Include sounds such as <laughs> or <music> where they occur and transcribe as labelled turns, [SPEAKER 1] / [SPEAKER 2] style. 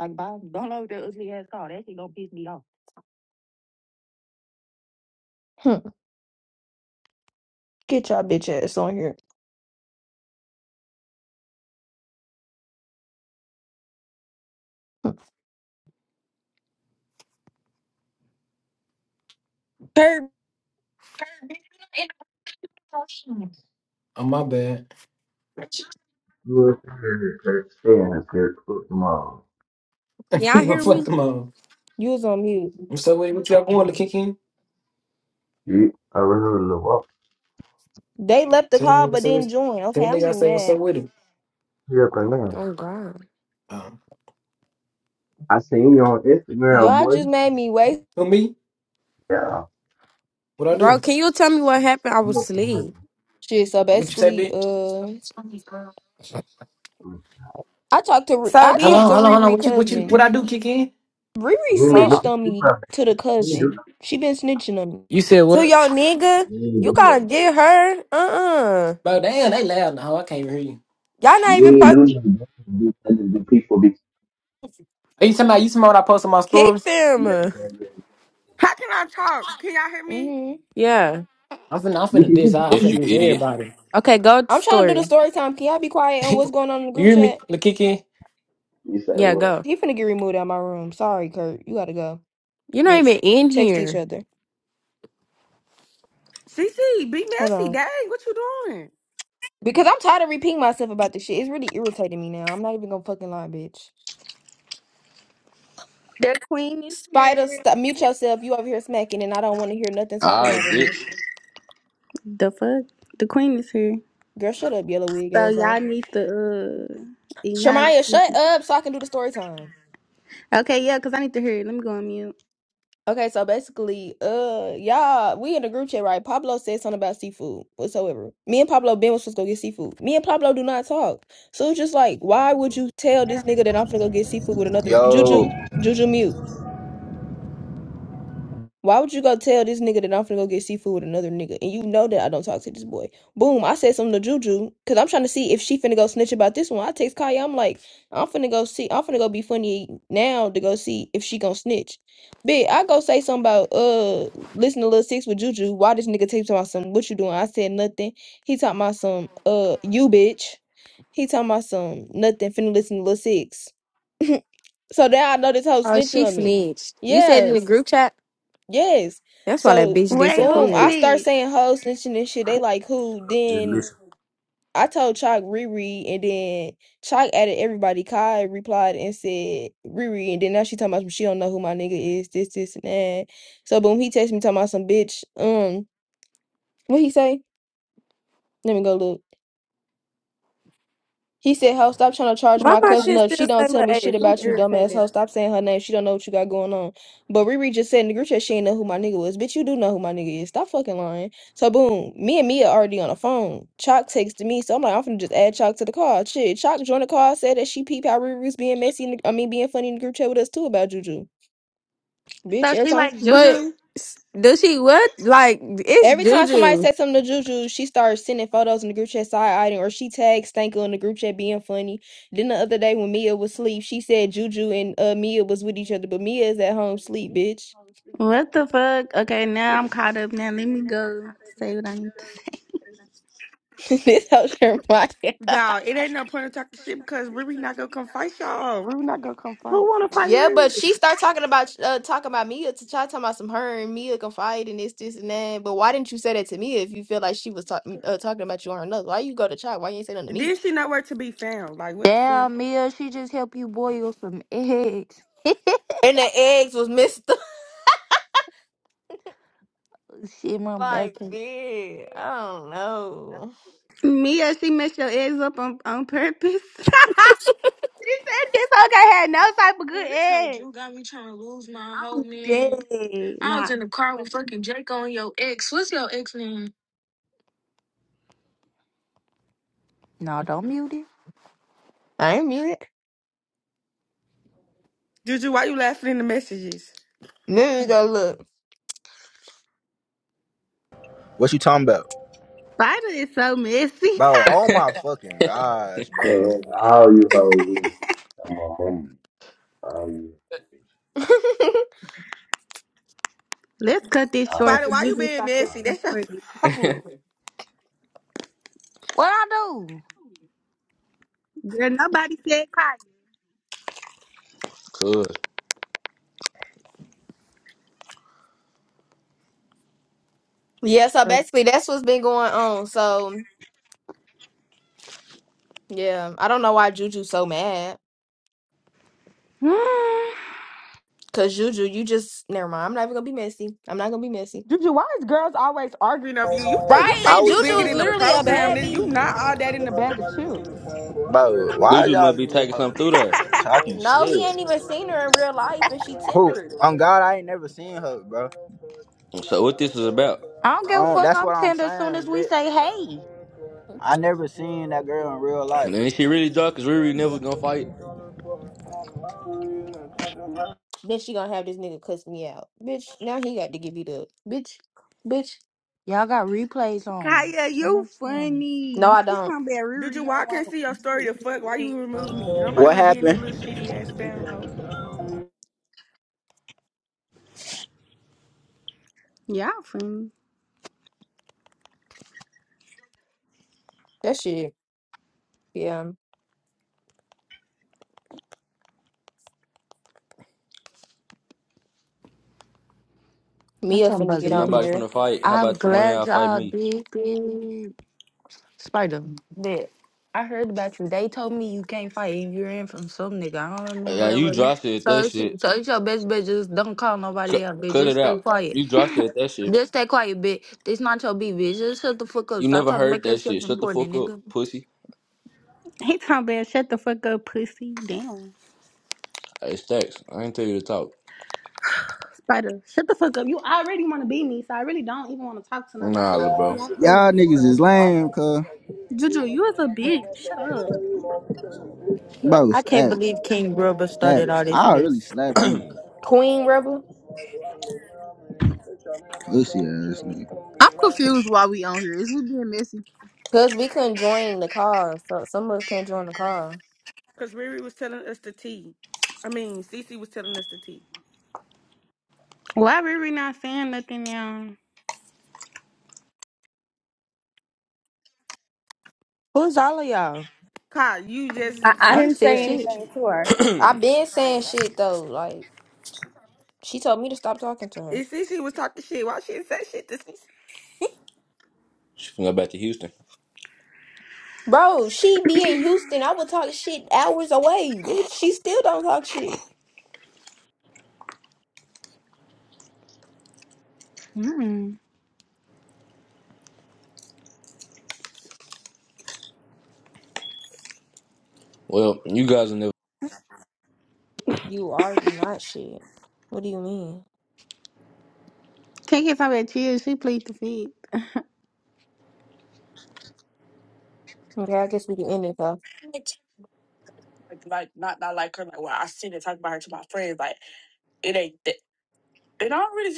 [SPEAKER 1] Like, Bob, don't load that ugly ass car. That shit gonna piss me off. <laughs> Hmm. Get your bitch ass on here. <laughs> Hmm. Kirk,
[SPEAKER 2] Oh my bad.
[SPEAKER 3] U.S. is like staying up here tomorrow.
[SPEAKER 2] <laughs>
[SPEAKER 4] Y'all
[SPEAKER 2] no,
[SPEAKER 4] hear
[SPEAKER 2] fuck
[SPEAKER 4] me?
[SPEAKER 2] them all.
[SPEAKER 1] you was on mute.
[SPEAKER 2] What's up with it? What y'all going to
[SPEAKER 4] Okay.
[SPEAKER 2] kick in?
[SPEAKER 3] You already know the walk
[SPEAKER 1] They left the
[SPEAKER 2] Tell me
[SPEAKER 1] call
[SPEAKER 2] what's
[SPEAKER 1] but
[SPEAKER 2] up with
[SPEAKER 1] didn't
[SPEAKER 2] it.
[SPEAKER 1] join.
[SPEAKER 2] Tell
[SPEAKER 1] Okay, I'm
[SPEAKER 2] nigga I
[SPEAKER 1] getting
[SPEAKER 2] say what's up
[SPEAKER 1] mad.
[SPEAKER 2] with it.
[SPEAKER 3] here right now.
[SPEAKER 4] Oh God,
[SPEAKER 2] Um,
[SPEAKER 3] I seen you on Instagram,
[SPEAKER 1] Y'all
[SPEAKER 3] boy.
[SPEAKER 1] just made me waste
[SPEAKER 2] who me?
[SPEAKER 3] Yeah.
[SPEAKER 2] What I
[SPEAKER 4] bro,
[SPEAKER 2] do?
[SPEAKER 4] can you tell me what happened? I
[SPEAKER 3] I'm
[SPEAKER 4] was
[SPEAKER 3] gonna come
[SPEAKER 4] asleep.
[SPEAKER 1] shit. So
[SPEAKER 2] What you say,
[SPEAKER 1] basically,
[SPEAKER 2] bitch?
[SPEAKER 1] uh,
[SPEAKER 3] over.
[SPEAKER 1] I talked to Ri-
[SPEAKER 4] So
[SPEAKER 1] I
[SPEAKER 2] Hold hold
[SPEAKER 4] these
[SPEAKER 1] talked
[SPEAKER 2] on,
[SPEAKER 1] to
[SPEAKER 2] hold on, hold on.
[SPEAKER 1] Riri
[SPEAKER 2] What you what you what
[SPEAKER 1] cousin.
[SPEAKER 2] I do kick in?
[SPEAKER 1] Riri
[SPEAKER 3] You ain't make no
[SPEAKER 4] so
[SPEAKER 1] snitched on
[SPEAKER 3] you
[SPEAKER 1] me
[SPEAKER 3] probably-
[SPEAKER 1] to the
[SPEAKER 3] you ain't do
[SPEAKER 1] cousin. She been snitching on me.
[SPEAKER 2] You said
[SPEAKER 4] to
[SPEAKER 2] what?
[SPEAKER 4] your nigga,
[SPEAKER 3] nothing. You ain't
[SPEAKER 4] you
[SPEAKER 3] do
[SPEAKER 4] gotta
[SPEAKER 3] nothing
[SPEAKER 4] get
[SPEAKER 3] bad.
[SPEAKER 4] her. Uh uh-uh. uh.
[SPEAKER 2] Bro, damn, they loud now. I can't even hear you.
[SPEAKER 4] you all not even
[SPEAKER 3] You ain't do
[SPEAKER 4] po-
[SPEAKER 3] nothing bad. You just other than people be
[SPEAKER 2] Are you talking about you talking about what I posted my
[SPEAKER 4] kick
[SPEAKER 2] stories?
[SPEAKER 3] yeah,
[SPEAKER 4] them.
[SPEAKER 3] yeah, yeah.
[SPEAKER 5] How can I talk? Can y'all hear me?
[SPEAKER 1] hmm
[SPEAKER 4] Yeah.
[SPEAKER 2] I'm finna I'm
[SPEAKER 3] You
[SPEAKER 2] finna diss.
[SPEAKER 3] can do
[SPEAKER 2] I, I'm
[SPEAKER 6] Yes,
[SPEAKER 2] finna
[SPEAKER 6] you
[SPEAKER 2] diss
[SPEAKER 3] it.
[SPEAKER 6] idiot.
[SPEAKER 2] everybody.
[SPEAKER 4] Okay, go to
[SPEAKER 1] I'm trying to do the
[SPEAKER 4] story.
[SPEAKER 1] story time. Can y'all be quiet
[SPEAKER 2] <laughs>
[SPEAKER 1] on
[SPEAKER 2] you
[SPEAKER 1] what's going on in the group
[SPEAKER 2] hear me?
[SPEAKER 1] chat?
[SPEAKER 2] The kick in?
[SPEAKER 3] You say
[SPEAKER 4] Yeah,
[SPEAKER 3] what?
[SPEAKER 4] go.
[SPEAKER 1] He finna get removed out my room. Sorry, Kurt. You gotta go,
[SPEAKER 4] You're not even
[SPEAKER 1] bitch.
[SPEAKER 4] in
[SPEAKER 1] Text each
[SPEAKER 4] here.
[SPEAKER 1] other.
[SPEAKER 5] CC, be
[SPEAKER 1] Hold on.
[SPEAKER 5] messy. Dang, what you doing?
[SPEAKER 1] Because I'm tired of repeating myself about this shit. It's really irritating me now. I'm not even gonna fucking lie, bitch.
[SPEAKER 7] The queen is
[SPEAKER 1] Spider,
[SPEAKER 7] here.
[SPEAKER 1] stop. Mute yourself. You over here smacking, and I don't want to hear nothing talking
[SPEAKER 6] All right,
[SPEAKER 1] over
[SPEAKER 6] bitch.
[SPEAKER 1] me.
[SPEAKER 7] The fuck? The queen is here.
[SPEAKER 1] Girl, shut up, yellow wig
[SPEAKER 7] So
[SPEAKER 1] asshole.
[SPEAKER 7] y'all need to uh acknowledge
[SPEAKER 1] Shermaya, shut
[SPEAKER 7] me.
[SPEAKER 1] up so I can do the story time.
[SPEAKER 7] Okay, yeah, cause I need to hear it. Let me go on mute.
[SPEAKER 1] Okay, so basically, uh, y'all, we in the group chat, right? Pablo said something about seafood whatsoever. Me and Pablo Ben was supposed to go get seafood. Me and Pablo do not talk. So it's just like, why would you tell this nigga that I'm finna go get seafood with another Juju?
[SPEAKER 8] Yo,
[SPEAKER 1] Juju mute. Why would you go tell this nigga that I'm finna go get seafood with another nigga? And you know that I don't talk to this boy. Boom, I said something to Juju because I'm trying to see if she finna go snitch about this one. I text Kaya, I'm like, I'm finna go see, I'm finna go be funny now to go see if she gonna snitch. Bitch, I go say something about, uh, listen to Lil Six with Juju. Why this nigga text about some, what you doing? I said nothing. He talking about some, uh, you bitch. He talking about some, nothing, finna listen to Lil Six. <laughs> so now I know this whole
[SPEAKER 4] Oh,
[SPEAKER 1] snitching
[SPEAKER 4] she
[SPEAKER 1] on me.
[SPEAKER 4] snitched. You said in the
[SPEAKER 1] Yes.
[SPEAKER 4] group chat.
[SPEAKER 1] Yes.
[SPEAKER 4] That's why that
[SPEAKER 1] So
[SPEAKER 4] bitch
[SPEAKER 7] Wait, who
[SPEAKER 1] boom, I
[SPEAKER 4] disappeared.
[SPEAKER 1] start
[SPEAKER 7] snitched?
[SPEAKER 1] saying hoes snitching and shit. They like who?
[SPEAKER 6] Just
[SPEAKER 1] Then
[SPEAKER 6] listen.
[SPEAKER 1] I told Chalk Riri, and then Chalk added everybody. Kai replied and said Riri, and then now she talking about some she don't know who my nigga is. This, this, and that. So boom, he texted me talking about some bitch. Um, what he say? Let me go look. He said, "Ho, stop trying to charge
[SPEAKER 9] Why
[SPEAKER 1] my
[SPEAKER 9] my
[SPEAKER 1] cousin
[SPEAKER 9] shit
[SPEAKER 1] up. She
[SPEAKER 9] still say
[SPEAKER 1] don't tell
[SPEAKER 9] little
[SPEAKER 1] me shit
[SPEAKER 9] H? I'm
[SPEAKER 1] about you, dumbass.
[SPEAKER 9] irritated.
[SPEAKER 1] Ho, stop saying her name. She don't know what you got going on." But Riri just said in the group chat she ain't know who my nigga was. Bitch, you do know who my nigga is. Stop fucking lying. So boom, me and Mia already on the phone. Chalk texted me, so I'm like, I'm finna just add Chalk to the call. Shit, Chalk joined the call, said that she peeped how Riri was being messy. In the, I mean, being funny in the group chat with us too about Juju. Bitch,
[SPEAKER 7] So
[SPEAKER 1] every
[SPEAKER 7] she
[SPEAKER 1] time
[SPEAKER 7] like
[SPEAKER 4] But
[SPEAKER 7] Juju.
[SPEAKER 4] s- does she what? Like it's
[SPEAKER 1] Every time somebody
[SPEAKER 4] Juju.
[SPEAKER 1] says something to Juju, she starts sending photos in the group chat side eyeing or she tags Stanko in the group chat being funny. Then the other day when Mia was asleep, she said Juju and uh, Mia was with each other, but Mia is at home sleep, bitch.
[SPEAKER 7] What the fuck? Okay, now I'm caught up. Now let me go say what I need to say.
[SPEAKER 1] <laughs> this whole shit reminds me-
[SPEAKER 5] Y'all, it ain't no point in talking shit because Ruby not gonna come fight y'all. Ruby not gonna come
[SPEAKER 7] Who
[SPEAKER 5] fight.
[SPEAKER 7] want to
[SPEAKER 5] So,
[SPEAKER 7] fight
[SPEAKER 1] Yeah, but
[SPEAKER 7] Riri?
[SPEAKER 1] she start talking about uh, talking about Mia to try talking about some her and Mia confide in this, this and that. But why didn't you say that to Mia if you feel like she was talking
[SPEAKER 5] girl.
[SPEAKER 1] uh, talking about you on her nose? Why you go to chat? Why you ain't say nothing to Mia?
[SPEAKER 5] Then she nowhere to be found. Like, what the fuck?
[SPEAKER 10] Damn, Mia, she just helped you boil some <laughs> eggs.
[SPEAKER 1] And the eggs was missed.
[SPEAKER 10] Shit, my
[SPEAKER 1] <laughs>
[SPEAKER 10] back.
[SPEAKER 1] like,
[SPEAKER 10] hurt.
[SPEAKER 1] man, I don't know.
[SPEAKER 7] Mia, she messed your eggs up on, on purpose. <laughs> she said this okay had no type of good
[SPEAKER 1] Well, this whole
[SPEAKER 7] egg.
[SPEAKER 1] Jew got me trying to lose my whole
[SPEAKER 7] I'm
[SPEAKER 1] man.
[SPEAKER 7] dead.
[SPEAKER 1] I was
[SPEAKER 7] Nah.
[SPEAKER 1] in the car with fucking Jake on your ex. What's your ex name?
[SPEAKER 10] No, don't mute it.
[SPEAKER 1] I ain't muted.
[SPEAKER 5] Juju, why you laughing in the messages?
[SPEAKER 1] Let me go
[SPEAKER 8] what you talking about?
[SPEAKER 7] Spider is so messy. <laughs>
[SPEAKER 8] Bro, oh my fucking gosh, bro.
[SPEAKER 3] Yeah, how you hoes is? I'm on mama. How you?
[SPEAKER 1] look.
[SPEAKER 7] Let's cut this short
[SPEAKER 3] All,
[SPEAKER 5] Spider,
[SPEAKER 7] for
[SPEAKER 5] why you
[SPEAKER 7] Juju
[SPEAKER 5] being
[SPEAKER 7] stop feeling
[SPEAKER 5] messy?
[SPEAKER 3] all.
[SPEAKER 5] That's your
[SPEAKER 7] important.
[SPEAKER 5] <laughs> problem.
[SPEAKER 10] What I do?
[SPEAKER 7] Girl, nobody said Kaya.
[SPEAKER 6] Cuz.
[SPEAKER 1] <laughs> yeah, so basically that's what's been going on. So yeah, I don't know why Juju's so mad. Cause Juju, you just never mind. I'm not even gonna be messy. I'm not gonna be messy.
[SPEAKER 5] Juju, why is girls always arguing over you? You t- you
[SPEAKER 1] Right?
[SPEAKER 8] I
[SPEAKER 5] think
[SPEAKER 1] And
[SPEAKER 8] would.
[SPEAKER 5] you
[SPEAKER 1] Juju
[SPEAKER 5] bigger
[SPEAKER 1] is
[SPEAKER 5] than the
[SPEAKER 1] literally a
[SPEAKER 5] program,
[SPEAKER 1] bad
[SPEAKER 5] nigga. You
[SPEAKER 1] bee.
[SPEAKER 5] not all that in the bag of chips.
[SPEAKER 8] Bro, why is
[SPEAKER 6] Dudu
[SPEAKER 8] y'all
[SPEAKER 6] must be
[SPEAKER 8] in this
[SPEAKER 6] taking
[SPEAKER 8] hoe
[SPEAKER 6] something through there.
[SPEAKER 8] talking
[SPEAKER 1] No, he
[SPEAKER 8] shit?
[SPEAKER 1] ain't even seen her in real life, and she
[SPEAKER 8] Who?
[SPEAKER 1] tendered.
[SPEAKER 8] On God, I ain't never seen her, bro.
[SPEAKER 6] So what this is about.
[SPEAKER 10] I don't give a
[SPEAKER 8] Oh,
[SPEAKER 10] fuck.
[SPEAKER 8] that's what
[SPEAKER 10] I'm
[SPEAKER 8] I'm
[SPEAKER 10] tender as soon as
[SPEAKER 8] saying,
[SPEAKER 10] we
[SPEAKER 8] bitch.
[SPEAKER 10] say hey.
[SPEAKER 8] I never seen that girl in real
[SPEAKER 6] And
[SPEAKER 8] life.
[SPEAKER 6] then she really drunk because Riri never gonna fight.
[SPEAKER 1] Then she gonna have this nigga cuss me out, bitch. Now he got to give it up, bitch, bitch.
[SPEAKER 10] Y'all got replays
[SPEAKER 7] <sighs>
[SPEAKER 10] on.
[SPEAKER 7] Kaya,
[SPEAKER 10] So
[SPEAKER 7] you
[SPEAKER 10] much fun.
[SPEAKER 1] No,
[SPEAKER 7] funny.
[SPEAKER 1] I
[SPEAKER 7] She
[SPEAKER 1] don't.
[SPEAKER 7] talking about Riri
[SPEAKER 5] Dude, why I
[SPEAKER 7] ain't
[SPEAKER 5] can't
[SPEAKER 7] want
[SPEAKER 5] see your
[SPEAKER 7] you
[SPEAKER 5] story the
[SPEAKER 7] eating.
[SPEAKER 5] fuck?
[SPEAKER 7] him
[SPEAKER 5] Why you remove me? Nobody
[SPEAKER 8] What
[SPEAKER 5] wanna be in that little
[SPEAKER 8] happened?
[SPEAKER 5] shitty ass spam hoe.
[SPEAKER 7] Y'all funny.
[SPEAKER 1] That shit. Yeah.
[SPEAKER 10] I
[SPEAKER 1] Mia
[SPEAKER 10] can't
[SPEAKER 1] finna
[SPEAKER 6] Since
[SPEAKER 1] get
[SPEAKER 10] believe
[SPEAKER 1] on
[SPEAKER 6] nobody
[SPEAKER 10] this.
[SPEAKER 1] here.
[SPEAKER 6] finna fight, how
[SPEAKER 10] I'm
[SPEAKER 6] about one of y'all
[SPEAKER 10] glad
[SPEAKER 6] fight
[SPEAKER 10] y'all
[SPEAKER 6] me?
[SPEAKER 10] did it. Spider, that I heard about you. They told me you can't fight and you are in from some nigga. I don't
[SPEAKER 6] Yeah,
[SPEAKER 10] remember
[SPEAKER 6] you
[SPEAKER 10] what it
[SPEAKER 6] dry
[SPEAKER 10] was.
[SPEAKER 6] said
[SPEAKER 10] So
[SPEAKER 6] that
[SPEAKER 10] it's,
[SPEAKER 6] shit.
[SPEAKER 10] so it's your best bet. Just don't call nobody
[SPEAKER 6] Cut,
[SPEAKER 10] out, bitch.
[SPEAKER 6] cut it
[SPEAKER 10] Just stay
[SPEAKER 6] out.
[SPEAKER 10] quiet.
[SPEAKER 6] You dry said that shit.
[SPEAKER 10] Just stay quiet, bitch. This not your beat, bitch. Just shut the fuck up.
[SPEAKER 6] You
[SPEAKER 10] Stop
[SPEAKER 6] never
[SPEAKER 10] trying to
[SPEAKER 6] heard
[SPEAKER 10] make
[SPEAKER 6] that
[SPEAKER 10] yourself
[SPEAKER 6] shit. Shut the
[SPEAKER 10] important,
[SPEAKER 6] fuck up,
[SPEAKER 10] nigga.
[SPEAKER 6] pussy.
[SPEAKER 7] He talking about shut the fuck up, pussy. Damn.
[SPEAKER 6] Hey, Stacks, I ain't tell you to talk.
[SPEAKER 7] Spider, shut the fuck up. You already want to be me, so I really don't even want to talk to nobody.
[SPEAKER 6] Nah, little
[SPEAKER 7] You
[SPEAKER 6] bro.
[SPEAKER 7] wanna be me.
[SPEAKER 8] Y'all niggas is lame, cuz.
[SPEAKER 7] Juju, you is a bitch. Shut up.
[SPEAKER 10] I
[SPEAKER 8] Bro,
[SPEAKER 10] I can't
[SPEAKER 8] stack.
[SPEAKER 10] believe King Grubba started
[SPEAKER 8] Stacks.
[SPEAKER 10] all this
[SPEAKER 8] I'll really
[SPEAKER 10] mess.
[SPEAKER 8] slap you.
[SPEAKER 1] Queen Rebel.
[SPEAKER 8] Pussy ass nigga.
[SPEAKER 11] I'm confused why we on here. Is we being messy?
[SPEAKER 1] Cause we couldn't join the call. So some of us couldn't join the call.
[SPEAKER 5] Cause Riri was telling us the tea. I mean, Cece was telling us the tea.
[SPEAKER 7] Why Riri not saying nothing now?
[SPEAKER 10] Who's all of y'all?
[SPEAKER 5] Kai, you just was
[SPEAKER 10] I ain't
[SPEAKER 5] talking
[SPEAKER 10] said
[SPEAKER 5] smack.
[SPEAKER 10] shit.
[SPEAKER 9] Sorry.
[SPEAKER 6] <clears throat>
[SPEAKER 1] I
[SPEAKER 6] she
[SPEAKER 1] been saying shit though. Like she told me to stop talking to her.
[SPEAKER 5] If Cece was talking shit, why she didn't say shit to Cece?
[SPEAKER 6] finna go back to Houston.
[SPEAKER 1] Bro, she be in Houston. I would talk shit hours away, bitch. She still don't talk shit.
[SPEAKER 7] Mm-mm.
[SPEAKER 6] Well, you guys will never.
[SPEAKER 1] You already not shit. What do you mean?
[SPEAKER 7] Can't get somebody chill. She plead the fifth.
[SPEAKER 1] Okay, I guess we can end it though. Like, like not not like her. Like, well, I seen it talk about her to my friends. Like, it ain't. That, it already